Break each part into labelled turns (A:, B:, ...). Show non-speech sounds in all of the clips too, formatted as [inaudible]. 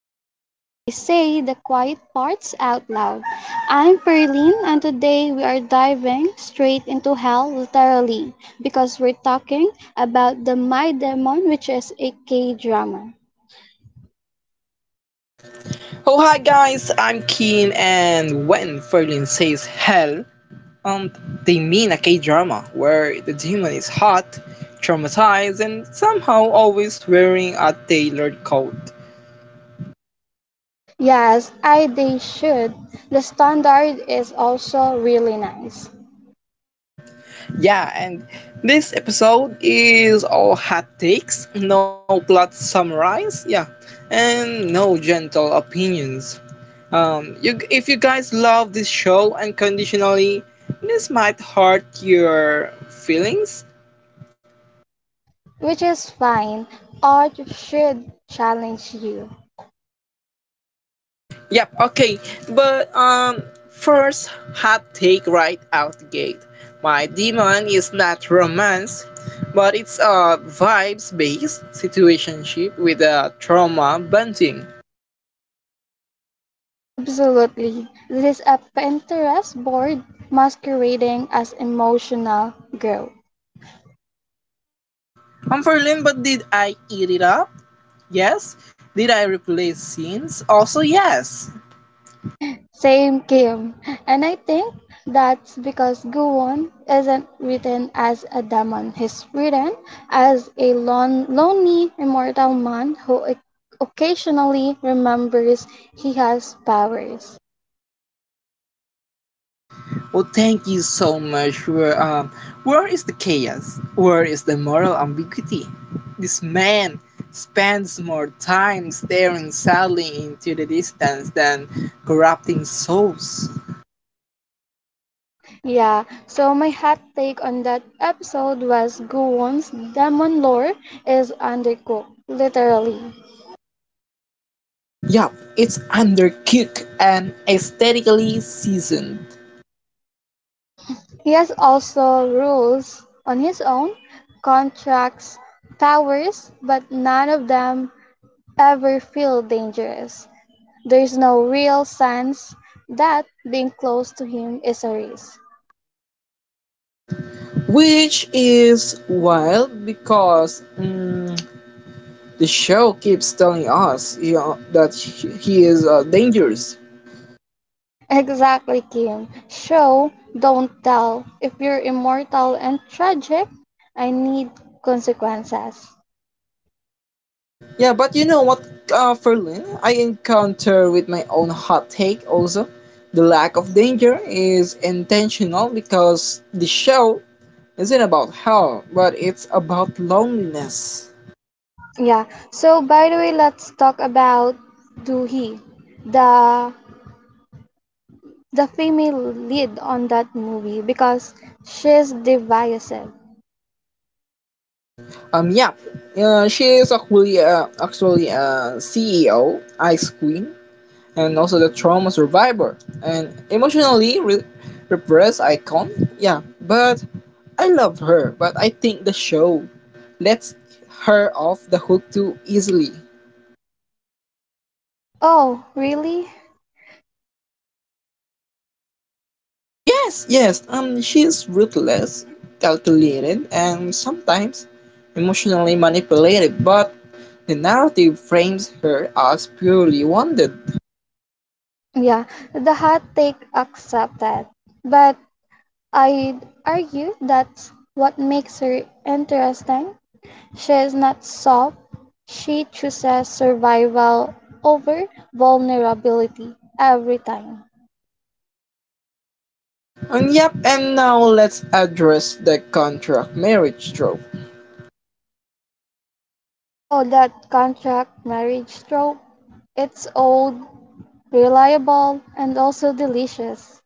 A: podcast where we say the quiet parts out loud. I'm Perlene, and today we are diving straight into hell, literally, because we're talking about the My Demon, which is a K drama.
B: Oh hi guys, I'm Keen, and when Ferlin says hell, um they mean a K-drama where the demon is hot, traumatized, and somehow always wearing a tailored coat.
A: Yes, I they should. The standard is also really nice,
B: Yeah, and this episode is all hot takes, no plot summarize, yeah, and no gentle opinions. You if you guys love this show unconditionally, this might hurt your feelings.
A: which is fine. Art should challenge you.
B: Yep, okay. But first hot take right out the gate. My demon is not romance, but it's a vibes based situationship with a trauma bunting.
A: Absolutely. This is a Pinterest board masquerading as emotional growth.
B: I'm Ferlin, but did I eat it up? Yes. Did I replace scenes? Also yes.
A: Same, Kim. And I think that's because Guwon isn't written as a demon. He's written as a lonely immortal man who occasionally remembers he has powers.
B: Well, thank you so much. Where is the chaos? Where is the moral ambiguity? This man spends more time staring sadly into the distance than corrupting souls.
A: Yeah, so my hot take on that episode was Guwon's demon lore is undercooked, literally.
B: Yup, it's undercooked and aesthetically seasoned,
A: He has also rules on his own, contracts, powers, but none of them ever feel dangerous. There's no real sense that being close to him is a risk.
B: which is wild because the show keeps telling us you know, that he is dangerous.
A: Exactly, Kim. Show, don't tell. If you're immortal and tragic, I need consequences.
B: Yeah, but you know what, Ferlin, I encounter with my own hot take also. The lack of danger is intentional because the show isn't about hell, but it's about loneliness.
A: Yeah. So, by the way, let's talk about Doohy, the the female lead on that movie because she's divisive.
B: Um, yeah, she is actually a CEO, Ice Queen, and also the trauma survivor and emotionally repressed icon. Yeah, but I love her, but I think the show lets her off the hook too easily.
A: Oh, really?
B: Yes, yes, she's ruthless, calculated, and sometimes emotionally manipulated, but the narrative frames her as purely wanted.
A: Yeah, the hot take accepted. But I'd argue that's what makes her interesting. She's not soft. She chooses survival over vulnerability every time.
B: And yep, and now let's address the contract marriage trope.
A: Oh, that contract marriage trope. It's old, reliable, and also delicious.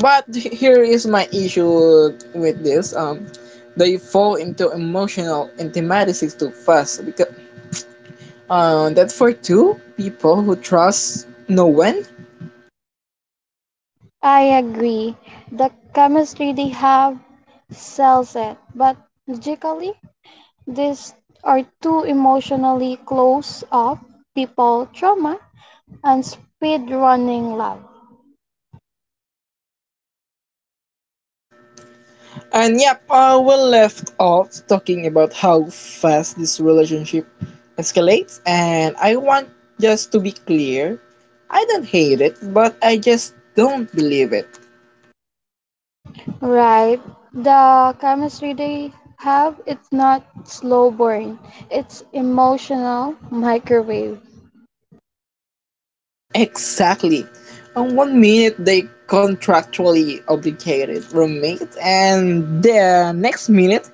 B: But here is my issue with this. They fall into emotional intimacies too fast because that for two people who trust no one.
A: I agree. The chemistry they have sells it, but logically, these are two emotionally close off people, trauma and speed running love.
B: And yep, we left off talking about how fast this relationship escalates. And I want just to be clear, I don't hate it, but I just don't believe it.
A: Right. The chemistry they have, it's not slow burn. It's emotional microwave.
B: Exactly. On one minute they contractually obligated roommates, and the next minute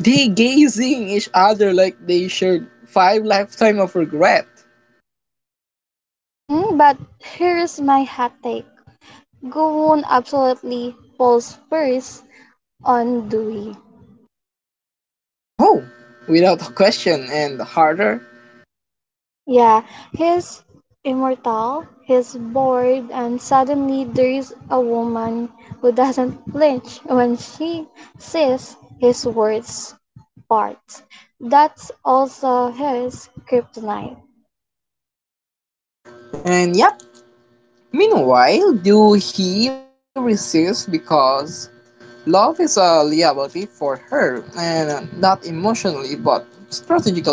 B: they gazing each other like they shared five lifetime of regret.
A: Mm-hmm, but here is my hot take. Gowon absolutely falls first on Dewey.
B: Oh, without a question and harder.
A: Yeah, he's immortal, he's bored, and suddenly there is a woman who doesn't flinch when she sees his words. Parts. That's also his kryptonite.
B: And yep. Meanwhile, do he resist because love is a liability for her, and not emotionally but strategically.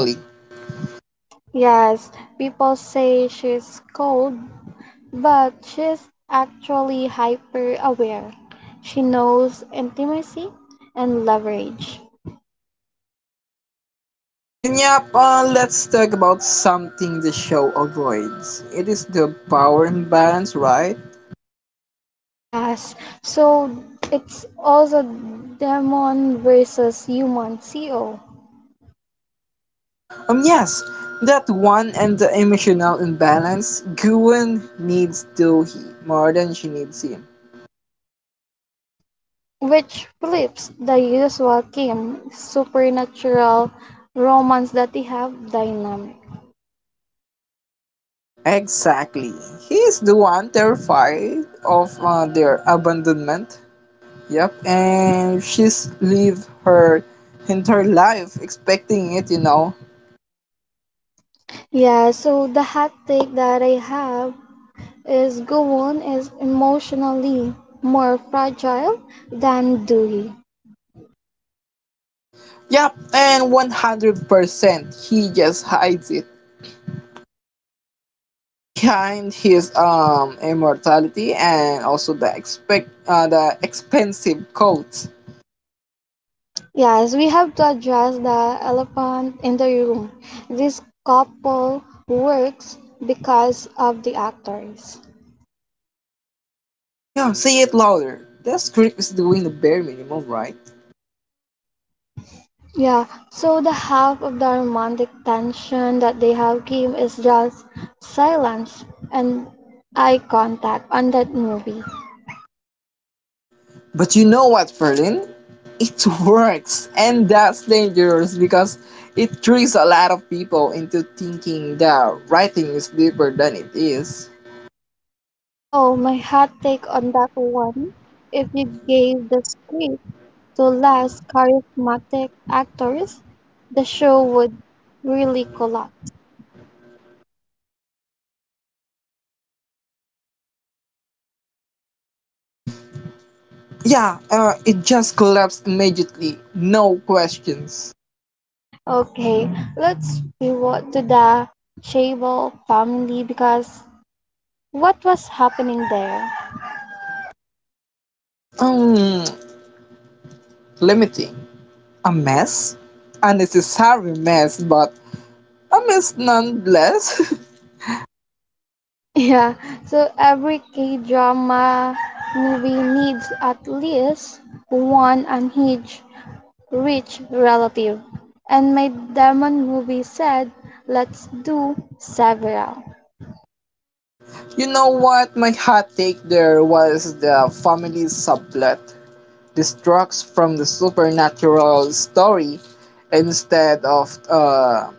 A: Yes, people say she's cold, but she's actually hyper aware. She knows intimacy and leverage.
B: And yep, let's talk about something the show avoids. It is the power imbalance, right?
A: Yes, so it's also demon versus human CO,
B: Yes, that one and the emotional imbalance. Gwen needs Dohee more than she needs him.
A: which flips the usual Kim supernatural romance that they have dynamic.
B: Exactly. He is the one terrified of their abandonment. Yep, and she's lived her entire life expecting it, you know.
A: Yeah, so the hot take that I have is Gowon is emotionally more fragile than Dewey.
B: Yep, and 100% he just hides it behind his immortality and also the expect the expensive coat.
A: Yes, we have to address the elephant in the room. This couple works because of the actors.
B: Yeah, you know, say it louder. This critic is doing the bare minimum, right?
A: Yeah, so the half of the romantic tension that they have came is just silence and eye contact on that movie.
B: But you know what, Ferlin? It [laughs] works, and that's dangerous because it tricks a lot of people into thinking the writing is deeper than it is.
A: Oh, my hot take on that one. If you gave the script to less charismatic actors, the show would really collapse.
B: Yeah, it just collapsed immediately, no questions.
A: Okay, let's pivot to the Chable family because what was happening there?
B: Um, let me think. A mess? A necessary mess, but a mess nonetheless.
A: Yeah, so every K drama movie needs at least one unhinged, rich relative. And my demon movie said, let's do several.
B: [laughs] You know what? My hot take there was the family subplot. Destructs from the supernatural story instead of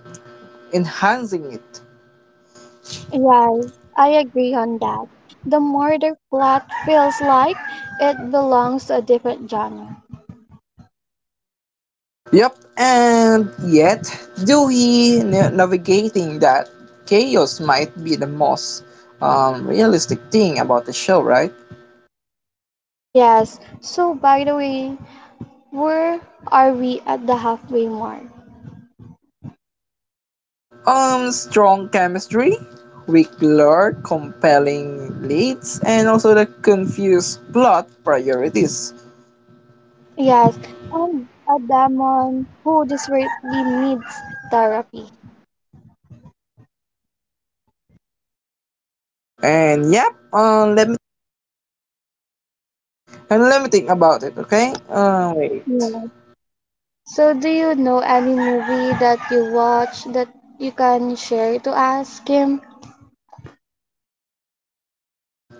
B: enhancing it.
A: Yes, I agree on that. The murder plot feels like it belongs to a different genre.
B: Yep, and yet, Dewey navigating that chaos might be the most realistic thing about the show, right?
A: Yes, so by the way, where are we at the halfway mark?
B: Strong chemistry, weak lore, compelling leads, and also the confused plot priorities.
A: Yes, and a demon who desperately needs therapy.
B: And yep, and let me think about it. Okay, wait.
A: Yeah. So, do you know any movie that you watch that you can share to us, Kim?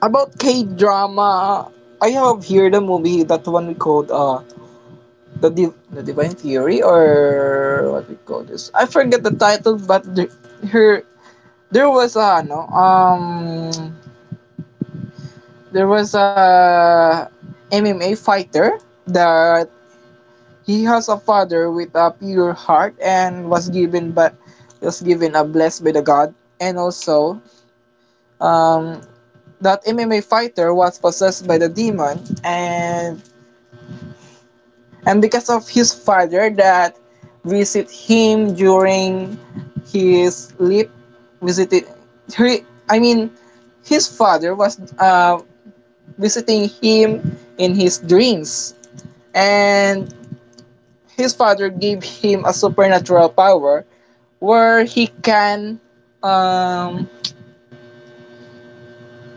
B: About K drama, I have here the movie that one we called the the Divine Fury or what we call this. I forget the title, but her there was a no there was a MMA fighter that he has a father with a pure heart and was given but was given a blessed by the god, and also um that MMA fighter was possessed by the demon, and because of his father that visit him during his sleep visited he, I mean his father was visiting him in his dreams, and his father gave him a supernatural power where he can um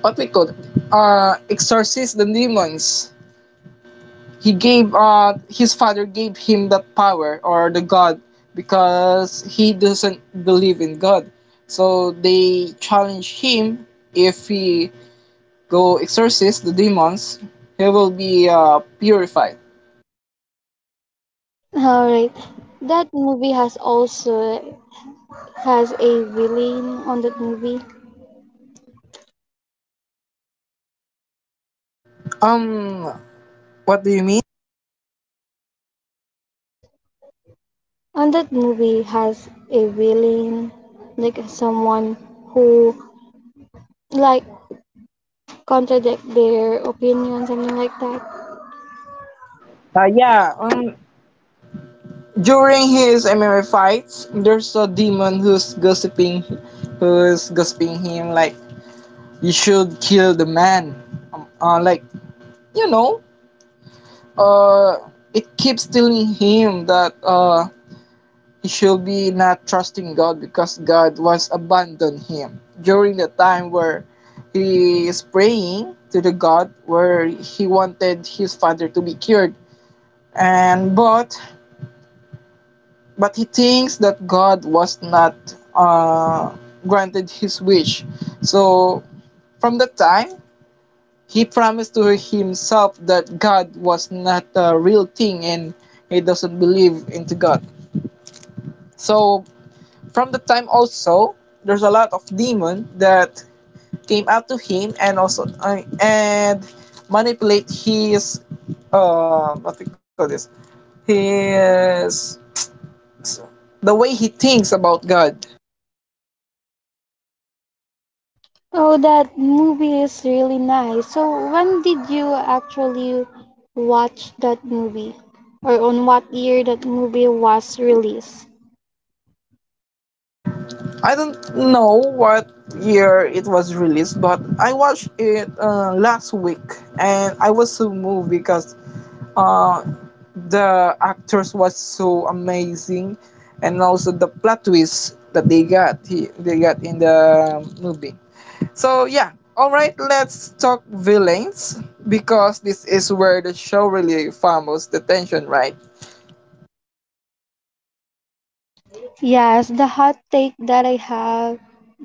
B: what we call it, exorcise the demons. He gave his father gave him that power or the god because he doesn't believe in god, so they challenge him if he go exorcise the demons he will be purified.
A: All right. That movie has also has a villain on that movie.
B: um what do you mean?
A: On that movie has a villain, like someone who, like, contradict their opinion, something like that.
B: Yeah, during his MMA fights, there's a demon who's gossiping him like you should kill the man. Like you know, it keeps telling him that he should be not trusting God because God was abandoned him during the time where he is praying to the God where he wanted his father to be cured. And but he thinks that God was not uh, granted his wish. So from that time, he promised to himself that God was not a real thing and he doesn't believe into God. So from that time also, there's a lot of demon that came out to him and also and manipulate his what we call this his the way he thinks about God.
A: Oh, that movie is really nice. So, when did you actually watch that movie? Or on what year that movie was released?
B: I don't know what year it was released, but I watched it last week, and I was so moved because uh, the actors was so amazing, and also the plot twist that they got in the movie. So yeah, all right, let's talk villains because this is where the show really farms the tension, right?
A: Yes, the hot take that I have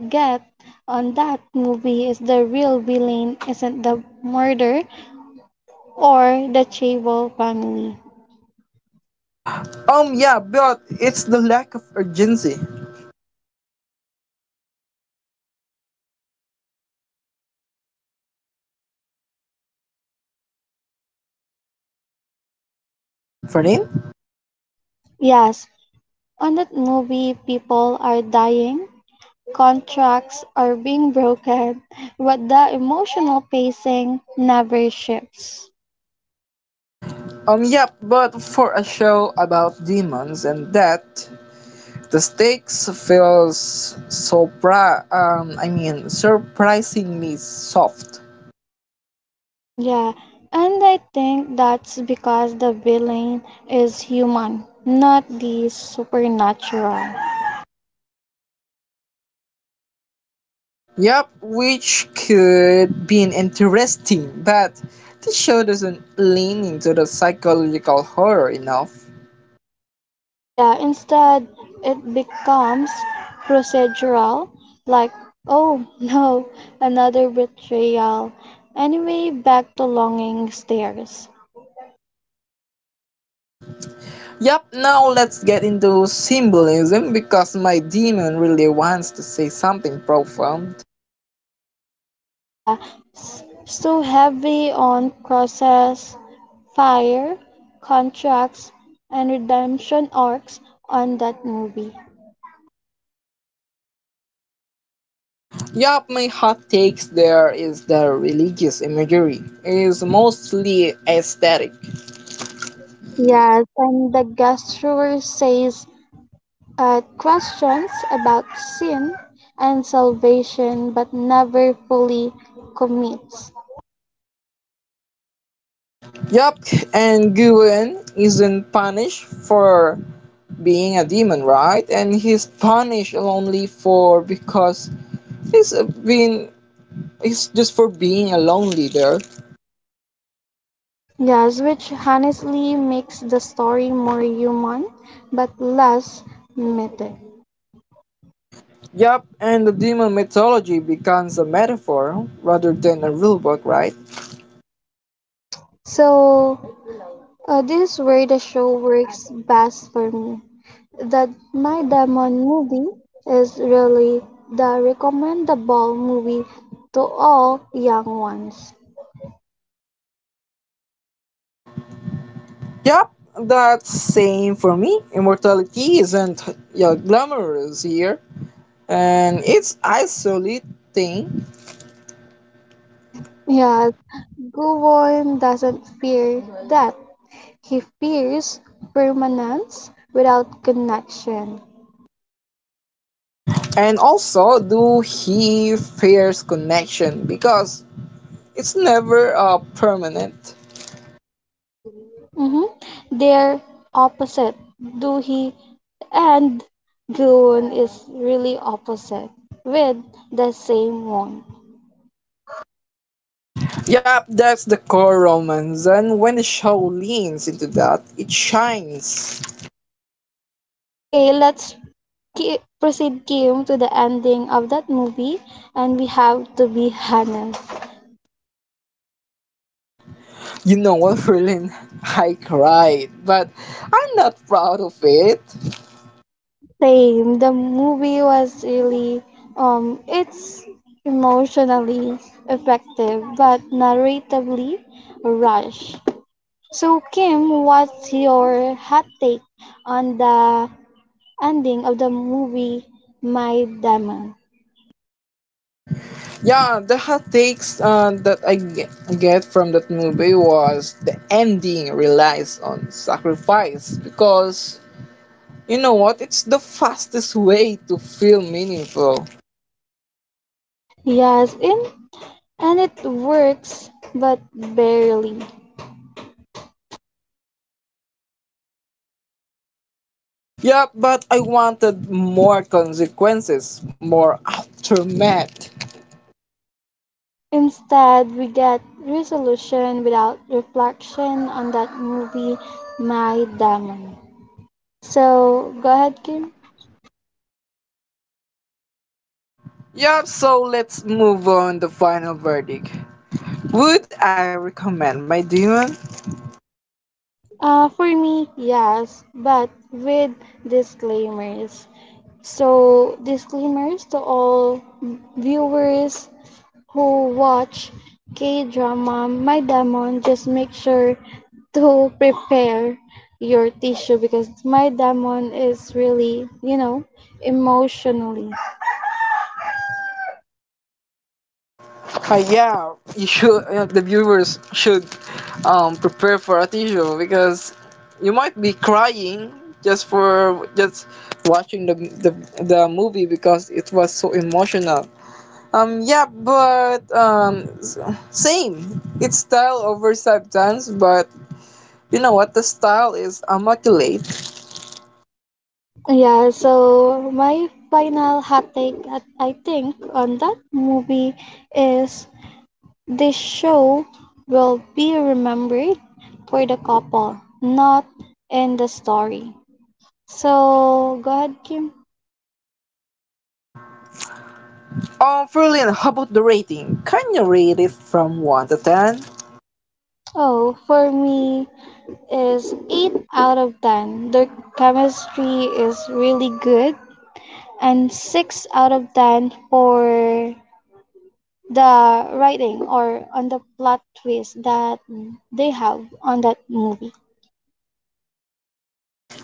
A: get on that movie is the real villain isn't the murder or the Chable family.
B: Yeah, but it's the lack of urgency. Fernin?
A: Yes, on that movie people are dying. Contracts are being broken, but the emotional pacing never shifts.
B: Yep, but for a show about demons and death, the stakes feels I mean, surprisingly soft.
A: Yeah, and I think that's because the villain is human, not the supernatural.
B: Yep, which could be interesting, but the show doesn't lean into the psychological horror enough.
A: Yeah, instead, it becomes procedural, like, oh, [laughs] no, another betrayal. Anyway, back to longing stares.
B: Yep, now let's get into symbolism because my demon really wants to say something profound.
A: Yeah, so heavy on process, fire, contracts, and redemption arcs on that movie.
B: Yup, my hot takes there is the religious imagery is mostly aesthetic.
A: Yes, and the gastreur says questions about sin and salvation but never fully commits.
B: Yup, and Guren isn't punished for being a demon, right? And he's punished only for because he's been he's just for being a lone leader.
A: Yes, which honestly makes the story more human but less mythic.
B: Yup, and the demon mythology becomes a metaphor rather than a real book, right?
A: So, this is where the show works best for me. That My Demon movie is really the recommendable movie to all young ones.
B: Yup, that's same for me. Immortality isn't yeah, glamorous here and it's isolating,
A: Yes, Guwon doesn't fear death. He fears permanence without connection.
B: and also do he fears connection because it's never permanent.
A: Hmm. They're opposite. Duhi and Guwon is really opposite with the same one.
B: Yep, that's the core romance, and when the show leans into that it shines.
A: Okay, let's proceed, Kim, to the ending of that movie and we have to be honest.
B: You know what Berlin, [laughs] I cried but I'm not proud of it.
A: Same. The movie was really, um, it's emotionally effective but narratively rushed. So Kim, what's your hot take on the ending of the movie My Demon?
B: Yeah, the hot takes that I get from that movie was the ending relies on sacrifice because you know what? It's the fastest way to feel meaningful.
A: Yes, in, and it works but barely.
B: Yeah, but I wanted more consequences, more aftermath.
A: Instead, we get resolution without reflection on that movie, My Demon. So, go ahead, Kim.
B: Yeah, so let's move on the final verdict. Would I recommend my demon?
A: For me, yes, but with disclaimers. So, disclaimers to all viewers who watch K drama, My Demon, just make sure to prepare your tissue because My Demon is really, you know, emotionally.
B: Yeah, you should, the viewers should prepare for a tissue because you might be crying just for just watching the movie because it was so emotional. Yeah, but same. It's style over substance, but you know what? The style is immaculate.
A: Yeah, so my final hot take, that I think, on that movie is this show will be remembered for the couple, not in the story. So go ahead, Kim.
B: Ferlin, how about the rating? Can you rate it from one to ten?
A: Oh, for me is 8 out of 10. Their chemistry is really good and 6 out of 10 for the writing or on the plot twist that they have on that movie.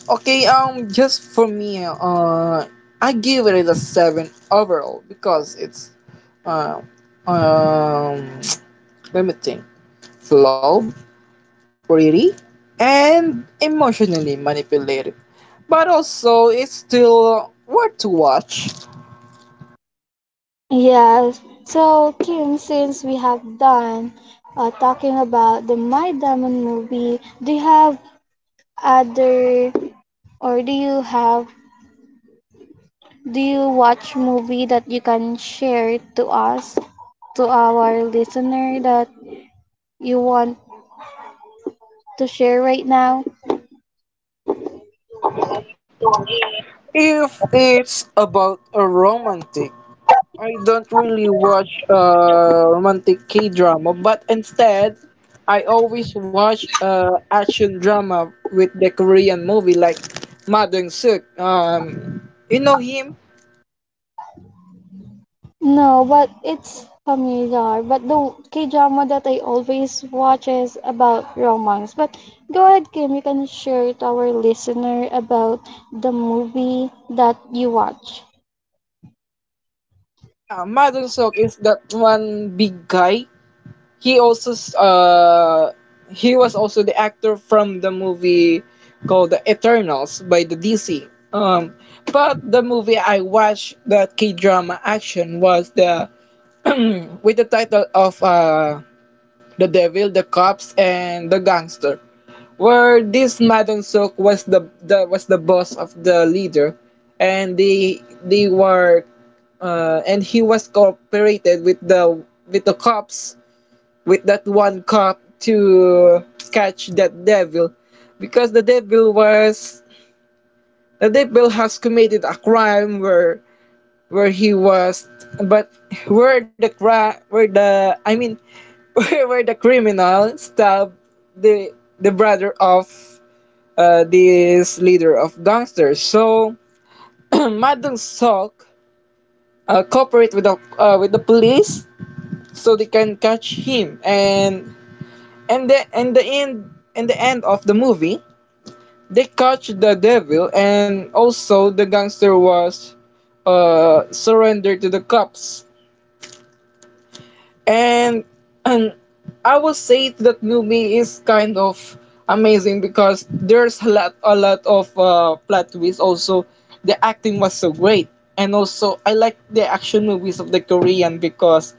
B: Okay, just for me, I give it a seven overall because it's uh, um, [tsk] let me think, flow, pretty, and emotionally manipulated, but also it's still worth to watch.
A: Yes. So Kim, since we have done talking about the My Diamond movie, do you have other, or do you have, do you watch movie that you can share to us to our listener that you want to share right now?
B: If it's about a romantic, I don't really watch romantic K drama, but instead, I always watch action drama with the Korean movie like Madang Suk. You know him?
A: No, but it's familiar. But the K-drama that I always watch is about romance. But go ahead, Kim, you can share to our listener about the movie that you watch.
B: Yeah, Madang Suk is that one big guy. He also uh he was also the actor from the movie called The Eternals by the DC. Um, but the movie I watched, that K drama action, was the [clears throat] with the title of The Devil, the Cops, and the Gangster, where this Madam Sok was the boss of the leader, and they were and he was cooperated with the cops with that one cup to catch that devil because the devil has committed a crime where he was but where the cra where the I mean [laughs] where the criminal stabbed the the brother of this leader of gangsters. So [clears throat] Madam Sok cooperate with the police so they can catch him. And the in the end, in the end of the movie, they catch the devil, and also the gangster was surrendered to the cops. And [clears throat] and I will say that movie is kind of amazing because there's a lot of plot twists. Also the acting was so great, and also I like the action movies of the Korean because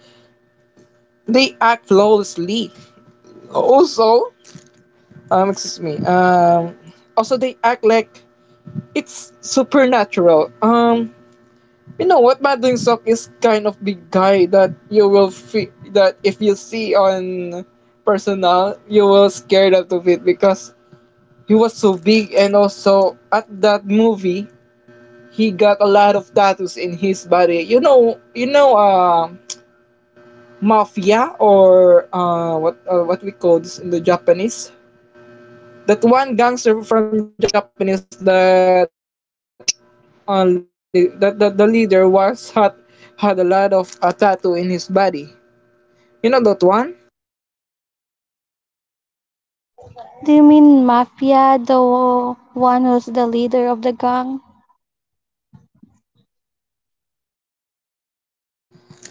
B: they act flawlessly. Also, excuse me. Also they act like it's supernatural. You know what, Madding Sok is kind of the guy that you will feel that if you see on personal you will scared out of it, because he was so big. And also at that movie he got a lot of tattoos in his body, you know, you know, mafia, or what we call this in the Japanese, that one gangster from Japanese, that only that, that the leader was had a lot of a tattoo in his body. You know that one?
A: Do you mean Mafia, the one who's the leader of the gang?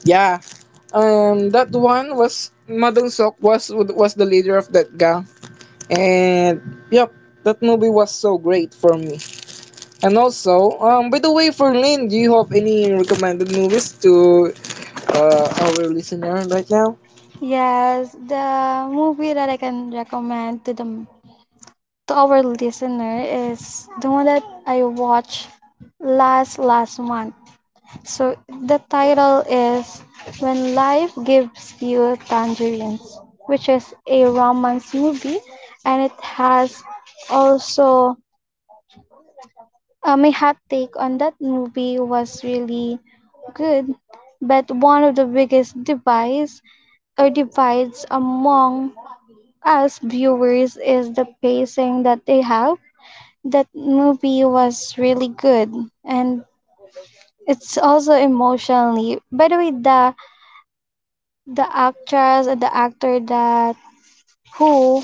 B: Yeah. That one was Madong Sok, was the leader of that gang, and yep, that movie was so great for me. And also, by the way, for Lynn, do you have any recommended movies to our listener right now?
A: Yes, the movie that I can recommend to the to our listener is the one that I watched last last month. So the title is When Life Gives You Tangerines, which is a romance movie, and it has also, my hot take on that movie was really good, but one of the biggest divides or divides among us viewers is the pacing that they have. That movie was really good and it's also emotionally. By the way, the actress and the actor that who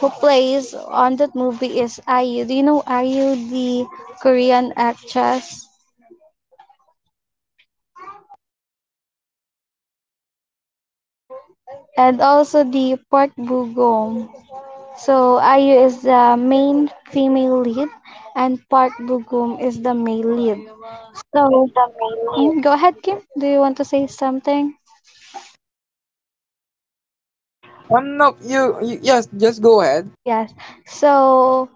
A: who plays on that movie is IU. Do you know IU, the Korean actress, and also the Park Bugum. So IU is the main female lead, and Park Bugum is the male lead. So mm, go ahead, Kim. Do you want to say something?
B: No, you, you yes, just go ahead.
A: Yes. So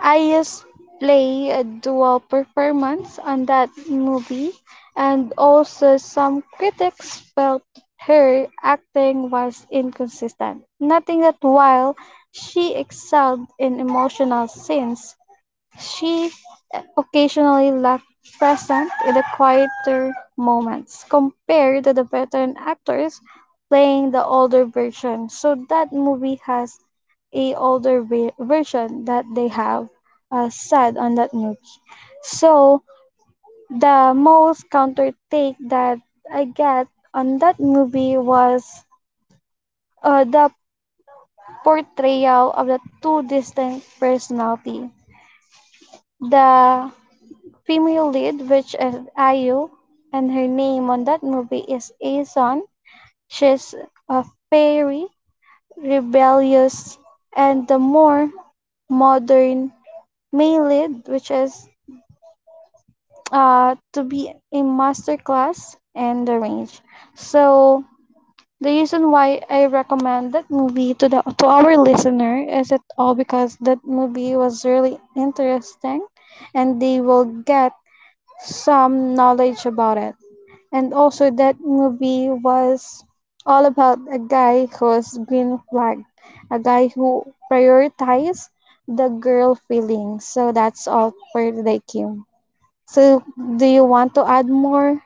A: I used play a dual performance on that movie and also some critics felt her acting was inconsistent. Nothing that while she excelled in emotional scenes, she occasionally lacked presence in the quieter moments, compared to the veteran actors playing the older version. So that movie has a older version that they have said on that movie. So the most counter take that I get on that movie was the portrayal of the two distinct personality. The female lead which is Ayu and her name on that movie is Aeson. She's a fairy, rebellious and the more modern male lead which is to be a master class and the range. So the reason why I recommend that movie to the to our listener is it all because that movie was really interesting and they will get some knowledge about it. And also, that movie was all about a guy who was green flag, a guy who prioritized the girl feelings. So that's all for today, Kim. So, do you want to add more,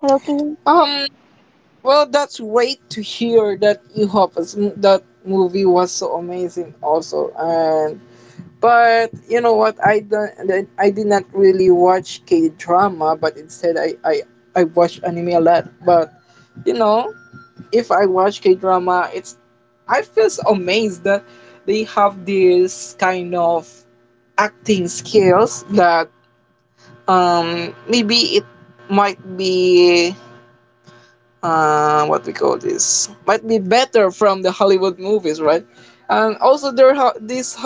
A: hello, Kim?
B: Um, Well, that's great to hear that that movie was so amazing also. And but you know what? I don't. I did not really watch K drama, but instead I watch anime a lot. But you know, if I watch K drama, it's I feel so amazed that they have this kind of acting skills that maybe it might be what we call this might be better from the Hollywood movies, right? And also there ha- this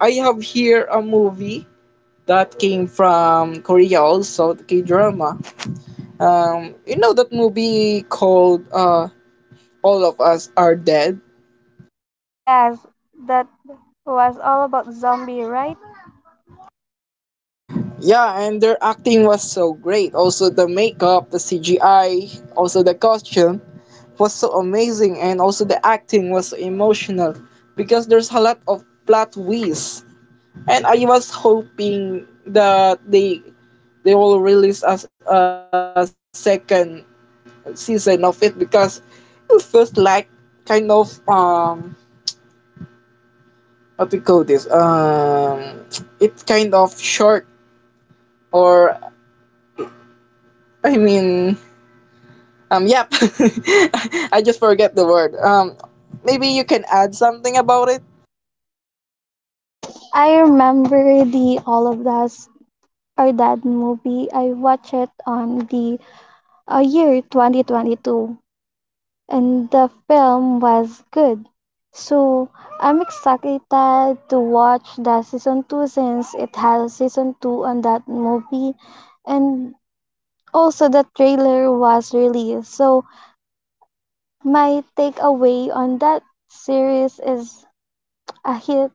B: I have here a movie that came from Korea, also the K drama. You know that movie called All of Us Are Dead?
A: Yes, that was all about zombie, right?
B: Yeah, and their acting was so great. Also the makeup, the CGI, also the costume was so amazing, and also the acting was so emotional because there's a lot of plot twists. And I was hoping that they will release a second season of it, because it feels like kind of what we call this it's kind of short. Or I mean yep [laughs] I just forget the word. Maybe you can add something about it.
A: Oh, I remember the All of Us Are Dead movie. I watched it on the, year 2022, and the film was good. So I'm excited to watch the season 2 since it has season 2 on that movie, and also the trailer was released. So my takeaway on that series is a hit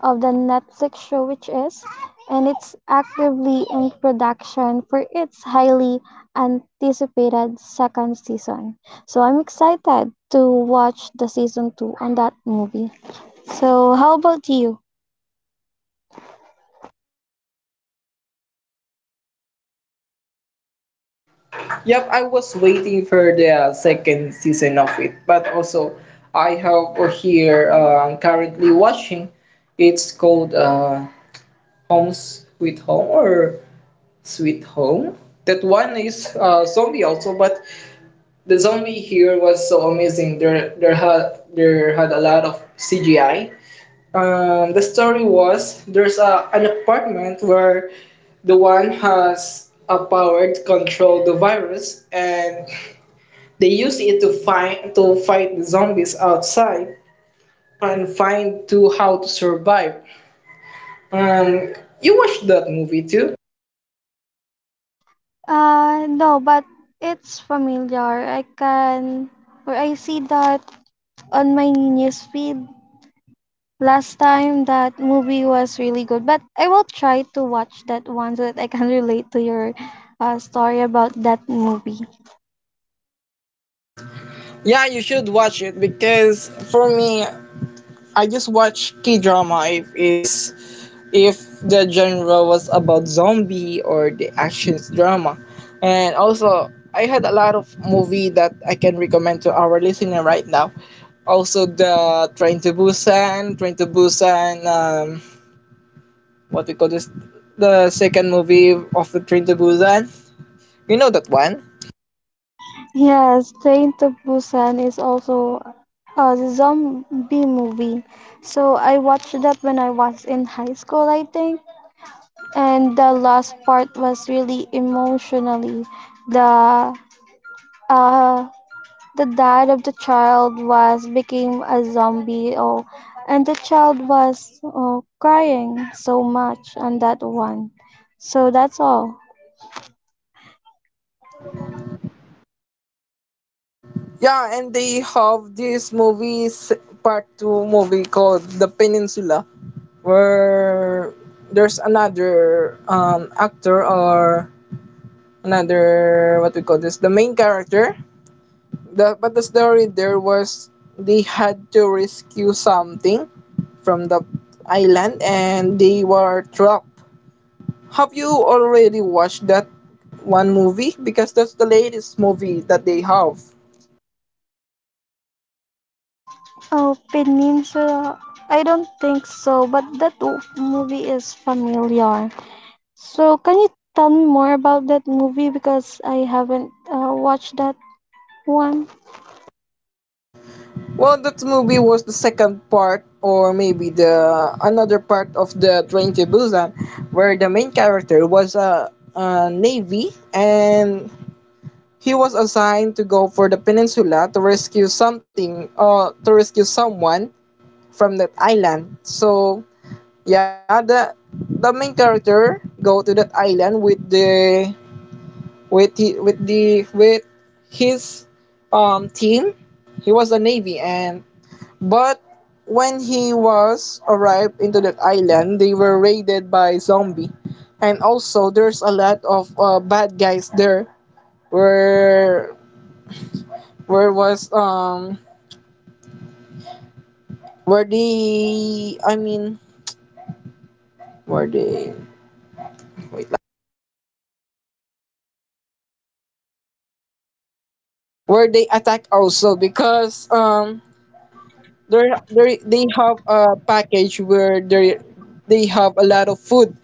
A: of the Netflix show, which is, and it's actively in production for its highly anticipated second season. So I'm excited to watch the season two on that movie. So how about you?
B: Yep, I was waiting for the second season of it, but also I have here currently watching. It's called Home Sweet Home, or Sweet Home. That one is zombie also, but the zombie here was so amazing. There had a lot of CGI. The story was there's an apartment where the one has a power to control the virus, and they use it to find to fight the zombies outside and find to how to survive. Um, you watched that movie too?
A: No, but it's familiar. I can, or I see that on my news feed. Last time that movie was really good, but I will try to watch that one so that I can [laughs] relate to your story about that movie.
B: Yeah, you should watch it because for me, I just watch K drama if it's if the genre was about zombie or the actions drama. And also, I had a lot of movie that I can recommend to our listener right now. Also, the Train to Busan, what we call this, the second movie of the Train to Busan. You know that one?
A: Yes, Train to Busan is also a zombie movie. So I watched that when I was in high school, I think. And the last part was really emotionally. The uh The dad of the child was became a zombie, oh, and the child was, oh, crying so much on that one. So that's all.
B: Yeah, and they have this part two movie called The Peninsula, where there's another actor, or another, what we call this, the main character. The but the story there was they had to rescue something from the island and they were trapped. Have you already watched that one movie, because that's the latest movie that they have?
A: Oh, Peninsula. I don't think so, but that movie is familiar. So can you tell me more about that movie because I haven't watched that one?
B: Well, that movie was the second part, or maybe the another part of the Train to Busan, where the main character was a navy, and he was assigned to go for the peninsula to rescue something or to rescue someone from that island. So yeah, the main character go to that island with the with his team. He was a navy, and but when he was arrived into that island, they were raided by zombie, and also there's a lot of bad guys there. Were Where was where they I mean where they wait Where they attack also because they have a package where they have a lot of food,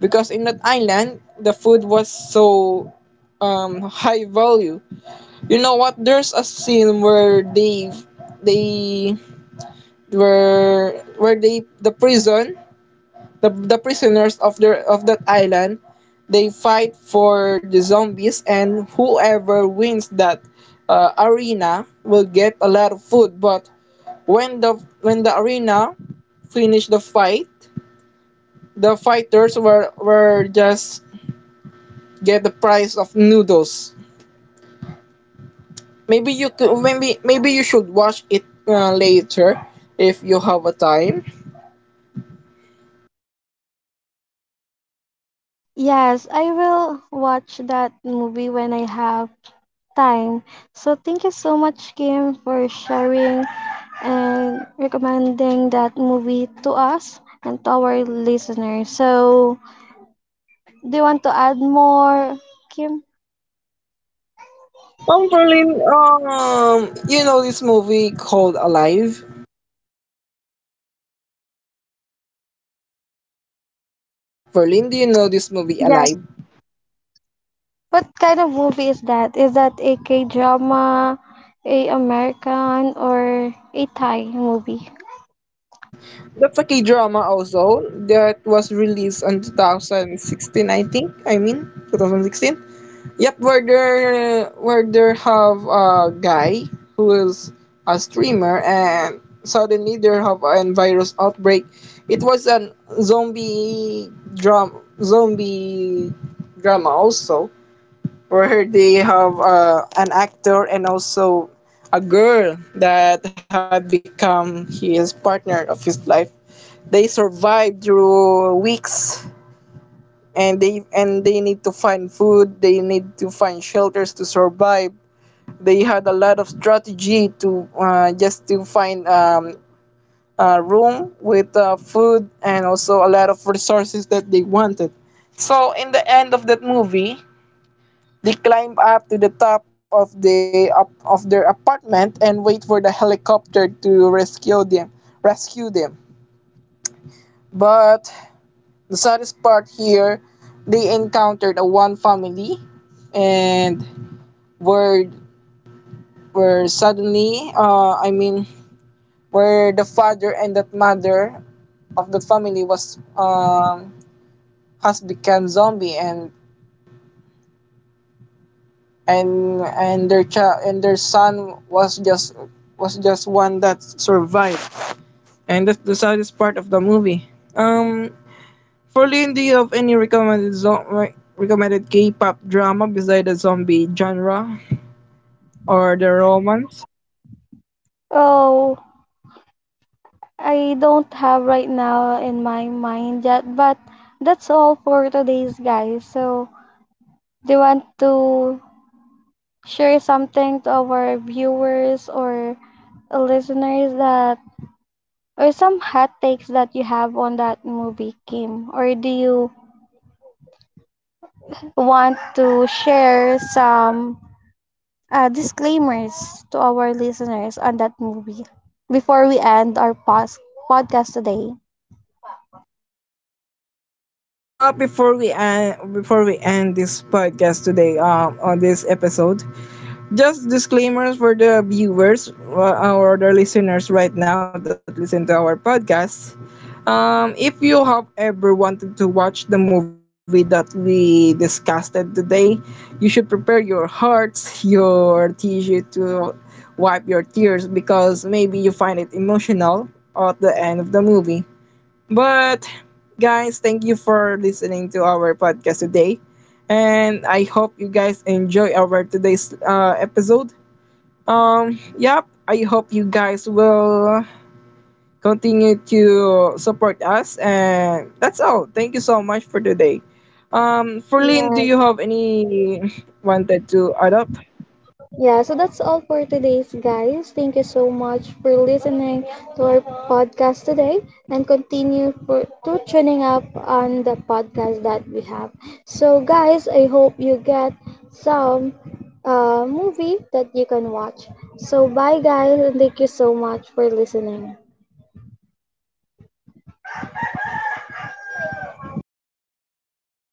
B: because in that island the food was so high value. You know what? There's a scene where they were where they the prison the prisoners of their of that island, they fight for the zombies, and whoever wins that arena will get a lot of food. But when the arena finished the fight, the fighters were just get the price of noodles. Maybe you could, maybe you should watch it later if you have a time.
A: Yes, I will watch that movie when I have time. So thank you so much, Kim, for sharing and recommending that movie to us and to our listeners. So, do you want to add more, Kim?
B: Berlin, you know this movie called Alive? Ferlyn, do you know this movie Alive?
A: Yes. What kind of movie is that? Is that a K drama, a American, or a Thai movie?
B: That's a K-drama also that was released in 2016, I think. I mean, 2016. Yep, where there have a guy who is a streamer and suddenly there have an virus outbreak. It was an zombie drama also, where they have an actor and also a girl that had become his partner of his life. They survive through weeks, and they need to find food, they need to find shelters to survive. They had a lot of strategy to just to find a room with food and also a lot of resources that they wanted. So in the end of that movie, they climb up to the top of the up of their apartment and wait for the helicopter to rescue them. Rescue them. But the saddest part here, they encountered a one family, and were were suddenly, I mean, where the father and that mother of that family was has become zombie, and and their child and their son was just one that survived, and that's the saddest part of the movie. Um, for Lynn, do you have any recommended K-pop drama beside the zombie genre or the romance?
A: Oh, I don't have right now in my mind yet, but that's all for today's guys. So, do you want to share something to our viewers or listeners that, or some hot takes that you have on that movie, Kim? Or do you want to share some disclaimers to our listeners on that movie before we end our podcast today?
B: Yeah, before we end this podcast today, on this episode, just disclaimers for the viewers or the listeners right now that listen to our podcast. If you have ever wanted to watch the movie that we discussed today, you should prepare your hearts, your tissue to wipe your tears, because maybe you find it emotional at the end of the movie. But guys, thank you for listening to our podcast today. And I hope you guys enjoy our today's episode. Yep, I hope you guys will continue to support us. And that's all. Thank you so much for today. For Lynn, do
A: Yeah.
B: you have any wanted to add up?
A: Yeah, so that's all for today's guys. Thank you so much for listening to our podcast today and continue for to tuning up on the podcast that we have. So guys, I hope you get some movie that you can watch. So bye guys and thank you so much for listening.
B: Thank you.